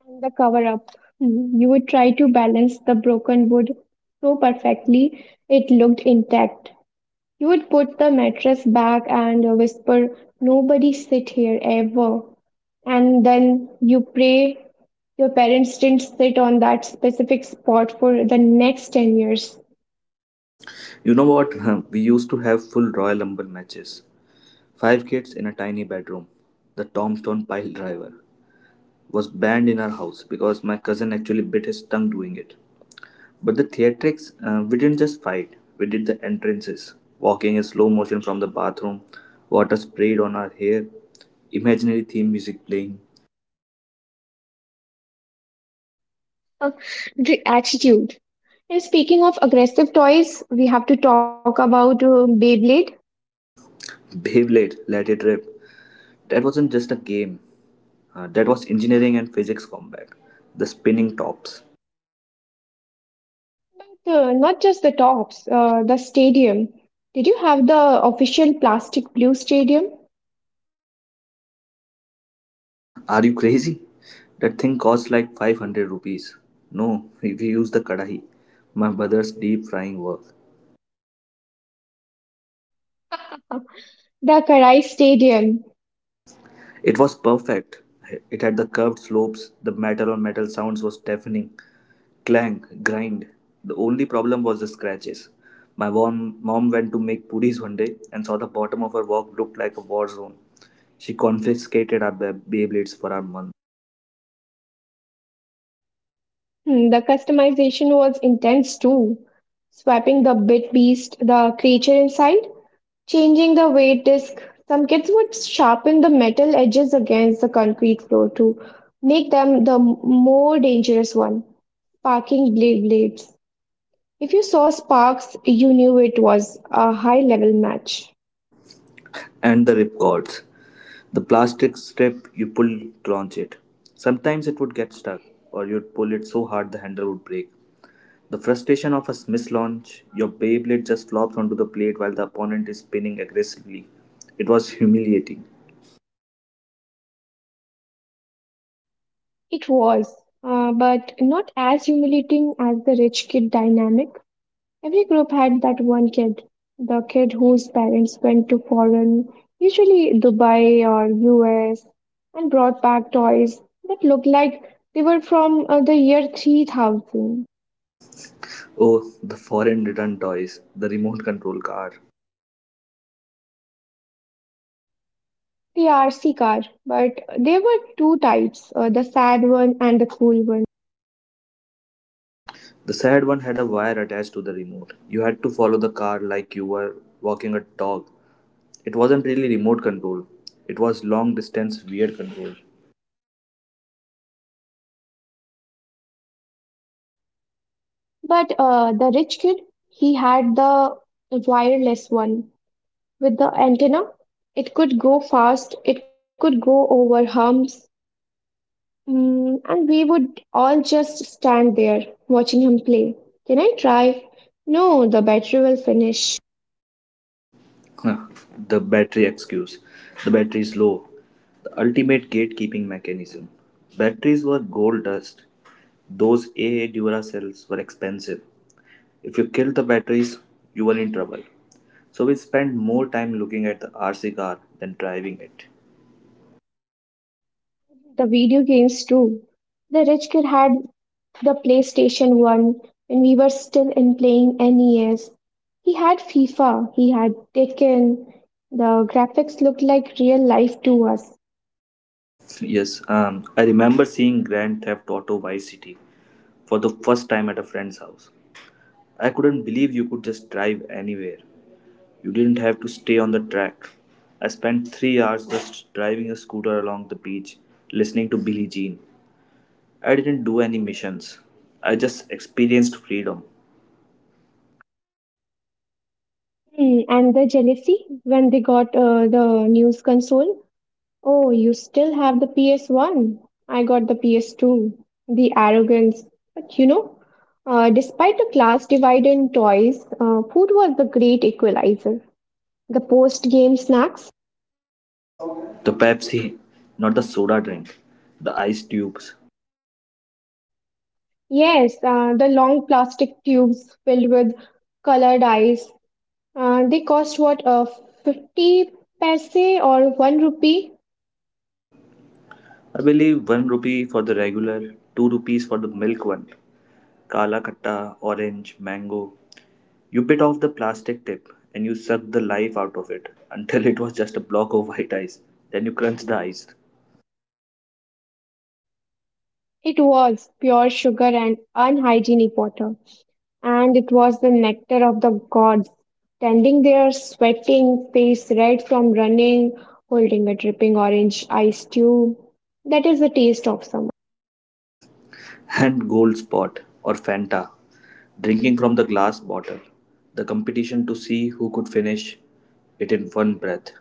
and the cover up. Mhm. You would try to balance the broken wood so perfectly it looked intact. You would put the mattress back and whisper, nobody sit here ever. And then you pray your parents didn't sit on that specific spot for the next 10 years.
You know what? We used to have full Royal Rumble matches. Five kids in a tiny bedroom. The tombstone pile driver was banned in our house because my cousin actually bit his tongue doing it. But the theatrics, we didn't just fight, we did the entrances. Walking in slow motion from the bathroom, water sprayed on our hair, imaginary theme music playing,
Uh, the attitude. And speaking of aggressive toys, we have to talk about Beyblade.
Beyblade, let it rip. That wasn't just a game, that was engineering and physics combat. The spinning tops.
So not just the tops, the stadium. Did you have the official plastic blue stadium?
Are you crazy? That thing costs like 500 rupees. No, we used the kadahi, my brother's deep frying work.
The Karai Stadium.
It was perfect. It had the curved slopes, the metal on metal sounds was deafening, Clang, grind. The only problem was the scratches. My mom went to make puris one day and saw the bottom of her wok looked like a war zone. She confiscated our Beyblades for our month
Hmm, the customization was intense too. Swapping the bit beast, the creature inside, changing the weight disc. Some kids would sharpen the metal edges against the concrete floor to make them the more dangerous one. Sparking blades. If you saw sparks, you knew it was a high level match.
and the ripcords. The plastic strip you pull to launch it. Sometimes it would get stuck, or you'd pull it so hard the handle would break. The frustration of a mislaunch, your Beyblade just flops onto the plate while the opponent is spinning aggressively. It was humiliating.
It was, but not as humiliating as the rich kid dynamic. Every group had that one kid, the kid whose parents went to foreign, usually Dubai or US, and brought back toys that looked like they were from the year 3000.
Oh, the foreign return toys, the remote control car.
The RC car, but there were two types, the sad one and the cool one.
The sad one had a wire attached to the remote. You had to follow the car like you were walking a dog. It wasn't really remote control, it was long distance weird control.
But the rich kid, he had the wireless one. With the antenna, it could go fast, it could go over humps, mm, and we would all just stand there watching him play. Can I try? No, the battery will finish.
Huh, the battery excuse. The battery is low. The ultimate gatekeeping mechanism. Batteries were gold dust. Those AA Dura cells were expensive. If you kill the batteries, you were in trouble. So we spend more time looking at the RC car than driving it.
The video games too. The rich kid had the PlayStation 1 when we were still in playing NES. He had FIFA, he had Tekken. The graphics looked like real life to us.
Yes, I remember seeing Grand Theft Auto Vice City for the first time at a friend's house. I couldn't believe you could just drive anywhere. You didn't have to stay on the track. I spent 3 hours just driving a scooter along the beach, listening to Billie Jean. I didn't do any missions. I just experienced freedom.
Hmm, and the jealousy when they got the news console. Oh, you still have the PS1? I got the PS2. The arrogance. But despite the class divide in toys, food was the great equalizer. The post-game snacks?
The Pepsi, not the soda drink. The ice tubes.
Yes, the long plastic tubes filled with colored ice. They cost what, 50 paise or 1 rupee?
I believe 1 rupee for the regular, 2 rupees for the milk one. Kala katta, orange, mango. You bit off the plastic tip and you sucked the life out of it until it was just a block of white ice. Then you crunched the ice.
It was pure sugar and unhygienic water, and it was the nectar of the gods, standing there sweating, face red from running, holding a dripping orange ice tube. That is the taste of summer.
And Gold Spot or Fanta, drinking from the glass bottle. The competition to see who could finish it in one breath.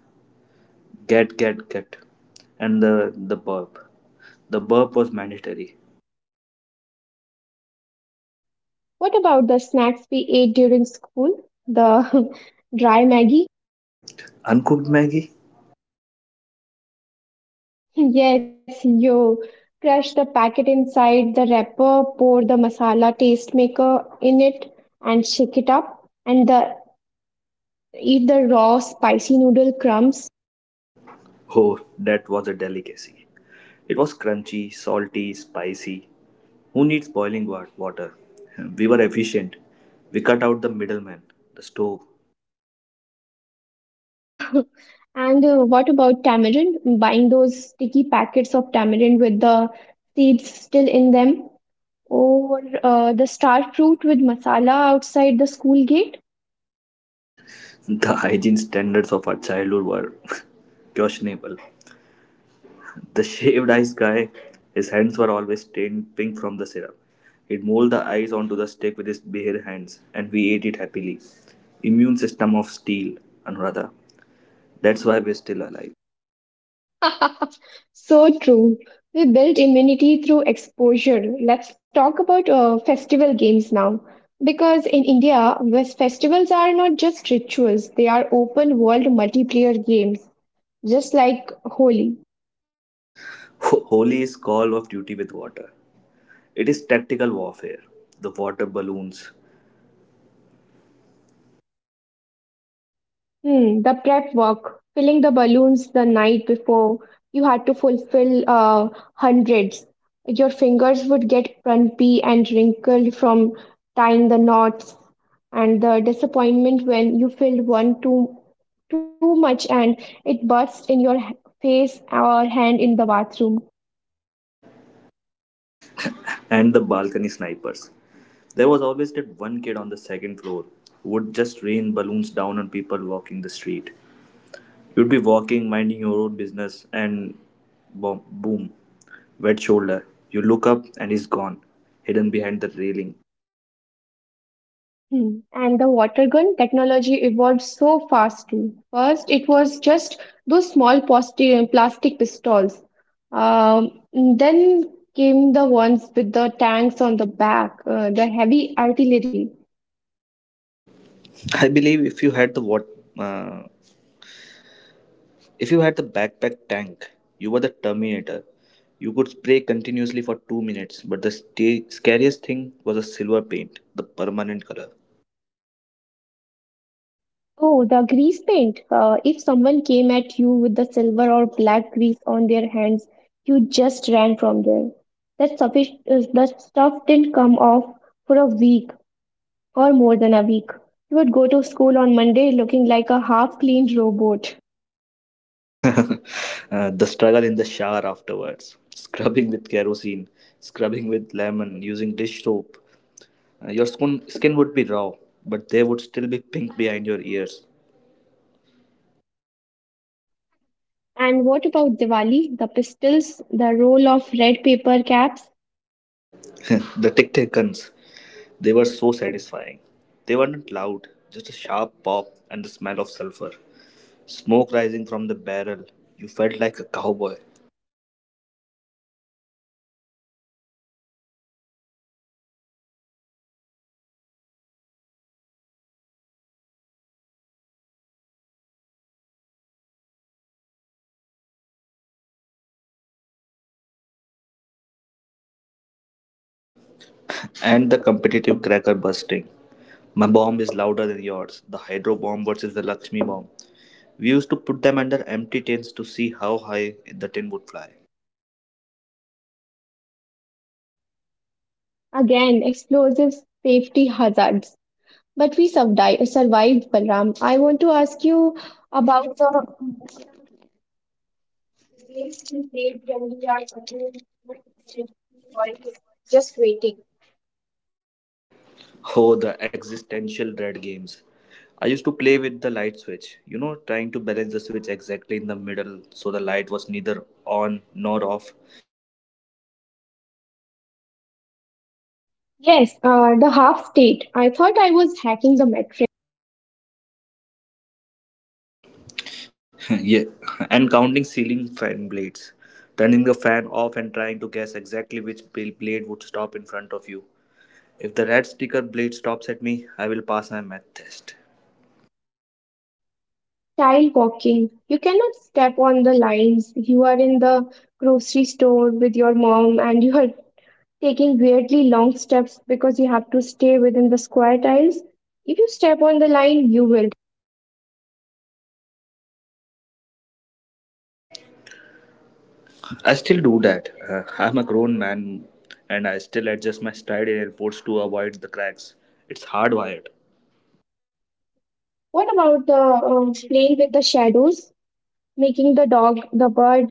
Get, get. And the burp. The burp was mandatory.
What about the snacks we ate during school? The dry Maggie?
Uncooked Maggie?
Yes, yo. Crush the packet inside the wrapper, pour the masala taste maker in it, and shake it up. Eat the raw spicy noodle crumbs.
Oh, that was a delicacy. It was crunchy, salty, spicy. Who needs boiling water? We were efficient. We cut out the middleman, the stove.
And what about tamarind? Buying those sticky packets of tamarind with the seeds still in them, or the star fruit with masala outside the school gate?
The hygiene standards of our childhood were questionable. The shaved ice guy, his hands were always stained pink from the syrup. He'd mold the ice onto the stick with his bare hands, and we ate it happily. Immune system of steel, Anuradha. That's why we're still alive.
So true. We build immunity through exposure. Let's talk about festival games now. Because in India, festivals are not just rituals, they are open world multiplayer games, just like Holi.
Holy is call of duty with water. It is tactical warfare. The water balloons
Hmm, the prep work, filling the balloons the night before, you had to fulfill hundreds. Your fingers would get crumpy and wrinkled from tying the knots, and the disappointment when you filled one too much and it burst in your face or hand in the bathroom.
and the balcony snipers. There was always that one kid on the second floor who would just rain balloons down on people walking the street. You'd be walking, minding your own business, and boom, boom, wet shoulder. You look up, and he's gone, hidden behind the railing.
Hmm. And the water gun technology evolved so fast too. First, it was just those small plastic pistols. Um, then came the ones with the tanks on the back, the heavy artillery.
I believe if you had the what, uh, if you had the backpack tank, you were the Terminator. You could spray continuously for 2 minutes, but the scariest thing was the silver paint, the permanent color.
Oh, the grease paint. If someone came at you with the silver or black grease on their hands, you just ran from there. That stuff didn't come off for a week, or more than a week. You would go to school on Monday looking like a half cleaned robot.
The struggle in the shower afterwards, scrubbing with kerosene, scrubbing with lemon, using dish soap, your skin would be raw, but they would still be pink behind your ears.
And what about Diwali, the pistols, the roll of red paper caps?
The tic tac guns, they were so satisfying. They weren't loud, just a sharp pop and the smell of sulfur. Smoke rising from the barrel. You felt like a cowboy. And the competitive cracker bursting. My bomb is louder than yours. The hydro bomb versus the Lakshmi bomb. We used to put them under empty tins to see how high the tin would fly.
Again, explosives, safety hazards. But we survived Balram. I want to ask you about the just waiting.
Oh, the existential dread games. I used to play with the light switch, you know, trying to balance the switch exactly in the middle so the light was neither on nor off.
Yes, the half state. I thought I was hacking the matrix.
Yeah, and counting ceiling fan blades, turning the fan off and trying to guess exactly which blade would stop in front of you. If the red sticker blade stops at me, I will pass my math test.
Child walking. You cannot step on the lines. You are in the grocery store with your mom and you are taking weirdly long steps because you have to stay within the square tiles. If you step on the line, you will.
I still do that. I'm a grown man and I still adjust my stride in airports to avoid the cracks. It's hardwired.
What about the playing with the shadows, making the dog, the bird?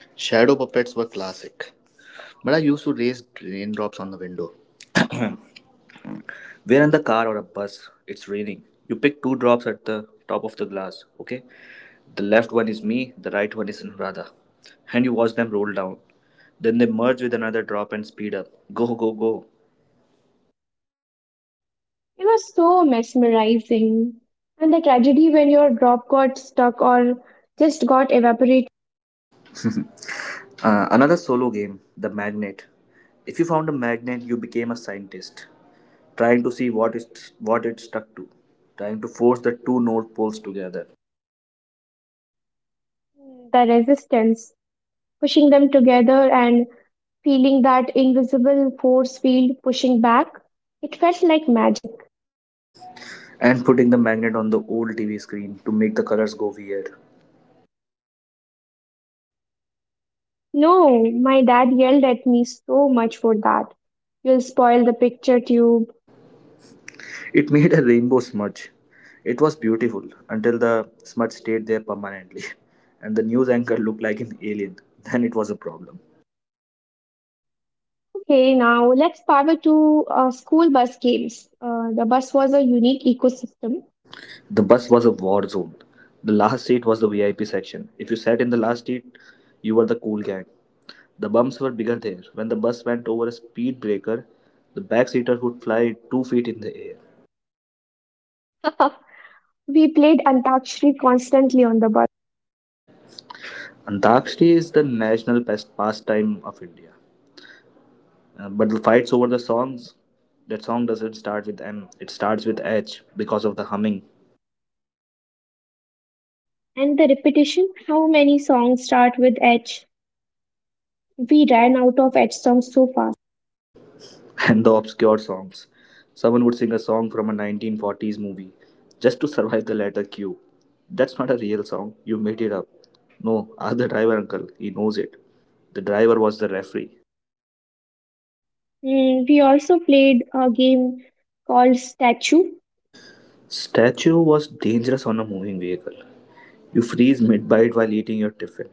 Shadow puppets were classic, but I used to raise raindrops on the window. We're in the car or a bus. It's raining. You pick two drops at the top of the glass, okay? The left one is me, the right one is Anuradha. And you watch them roll down. Then they merge with another drop and speed up. Go, go, go.
It was so mesmerizing. And the tragedy when your drop got stuck or just got evaporated,
Another solo game, The Magnet. If you found a magnet, you became a scientist, trying to see what it stuck to, trying to force the two north poles together,
the resistance, pushing them together and feeling that invisible force field pushing back. It felt like magic.
and putting the magnet on the old TV screen to make the colors go weird.
No, my dad yelled at me so much for that. You'll spoil the picture tube.
It made a rainbow smudge. It was beautiful until the smudge stayed there permanently and the news anchor looked like an alien. Then it was a problem.
Okay, now let's power to school bus games. The bus was a unique ecosystem.
The bus was a war zone. The last seat was the VIP section. If you sat in the last seat, you were the cool gang. The bumps were bigger there. When the bus went over a speed breaker, the backseater would fly 2 feet in the air.
We played Antakshri constantly on the bus.
Antakshri is the national pastime of India. But the fights over the songs, that song doesn't start with M, it starts with H because of the humming.
And the repetition, how many songs start with H? We ran out of H songs so fast.
And the obscure songs. Someone would sing a song from a 1940s movie just to survive the letter Q. That's not a real song, you made it up. No, ask the driver uncle, he knows it. The driver was the referee.
Mm, we also played a game called Statue.
Statue was dangerous on a moving vehicle. You freeze mid bite while eating your tiffin.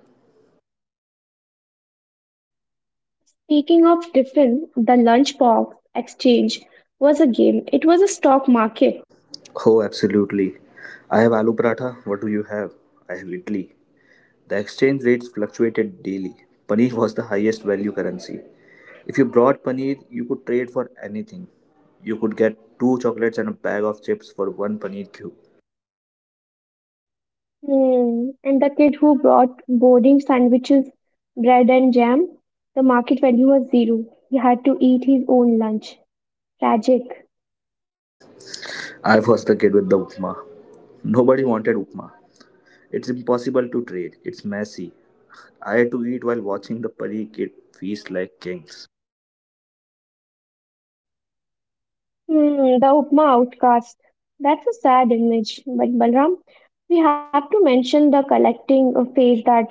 Speaking of Griffin, the lunchbox exchange was a game. It was a stock market.
Oh, absolutely. I have aloo paratha. What do you have? I have idli. The exchange rates fluctuated daily. Paneer was the highest value currency. If you brought paneer, you could trade for anything. You could get two chocolates and a bag of chips for one paneer cube.
Hmm. And the kid who brought boarding sandwiches, bread and jam, the market value was zero. He had to eat his own lunch. Tragic.
I was the kid with the upma. Nobody wanted upma. It's impossible to trade. It's messy. I had to eat while watching the paneer kid feast like kings.
Hmm. The Upma outcast. That's a sad image. But Balram, we have to mention the collecting phase, that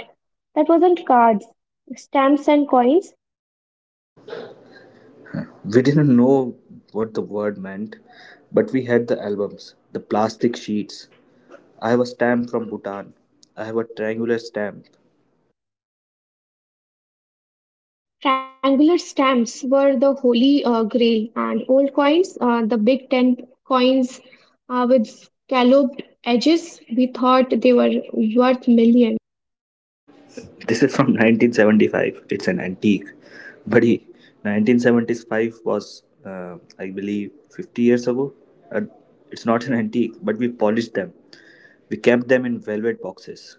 that wasn't cards, stamps and coins.
We didn't know what the word meant, but we had the albums, the plastic sheets. I have a stamp from Bhutan. I have a triangular stamp.
Triangular stamps were the holy grail, and old coins, the Big Ten coins with scalloped edges, we thought they were worth millions.
This is from 1975. It's an antique. Buddy, 1975 was, I believe, 50 years ago. Uh, it's not an antique, but we polished them. We kept them in velvet boxes.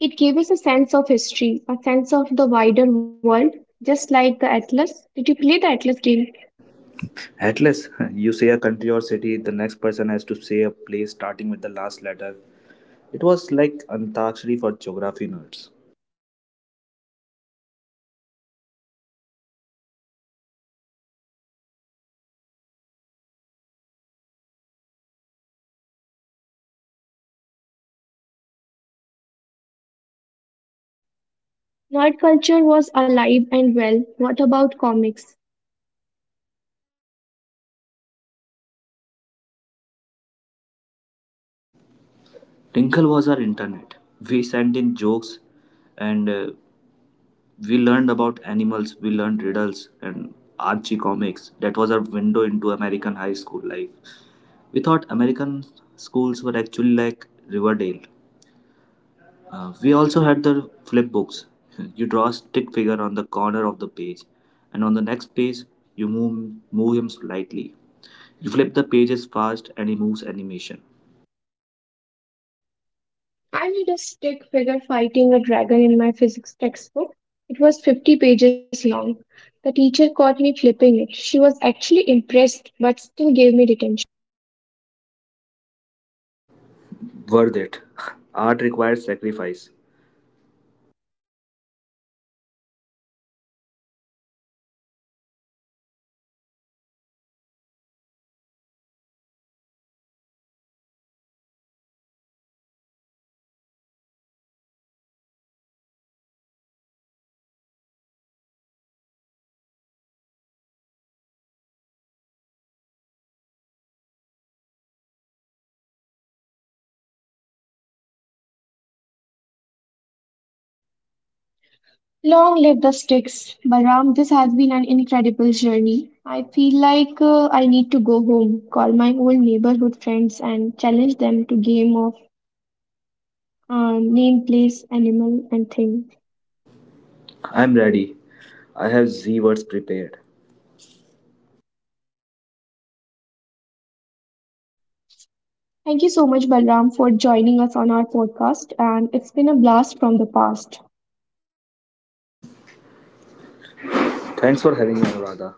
It gave us a sense of history, a sense of the wider world, just like the Atlas. Did you play the Atlas game?
Atlas, you say a country or city, the next person has to say a place starting with the last letter. It was like Antakshari for geography nerds.
Nerd culture was alive and well. What about comics?
Tinkle was our internet. We sent in jokes and we learned about animals, we learned riddles and Archie comics. That was our window into American high school life. We thought American schools were actually like Riverdale. We also had the flip books. You draw a stick figure on the corner of the page, and on the next page, you move him slightly. You flip the pages fast, and he moves animation.
I did a stick figure fighting a dragon in my physics textbook. It was 50 pages long. The teacher caught me flipping it. She was actually impressed but still gave me detention.
Worth it. Art requires sacrifice.
Long live the sticks. Balram, this has been an incredible journey. I feel like I need to go home, call my old neighborhood friends, and challenge them to game of name, place, animal, and thing.
I'm ready. I have Z words prepared.
Thank you so much, Balram, for joining us on our podcast, and it's been a blast from the past.
Thanks for having me, Anuradha.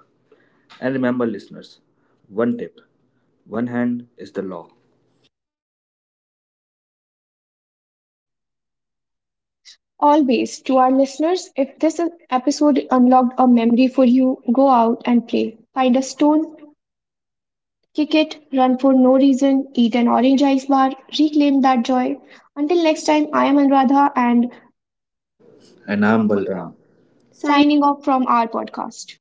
And remember, listeners, one tip one hand is the law.
Always, to our listeners, if this episode unlocked a memory for you, go out and play. Find a stone, kick it, run for no reason, eat an orange ice bar, reclaim that joy. Until next time, I am Anuradha and
And I'm Balram.
signing
Signing
off from our podcast.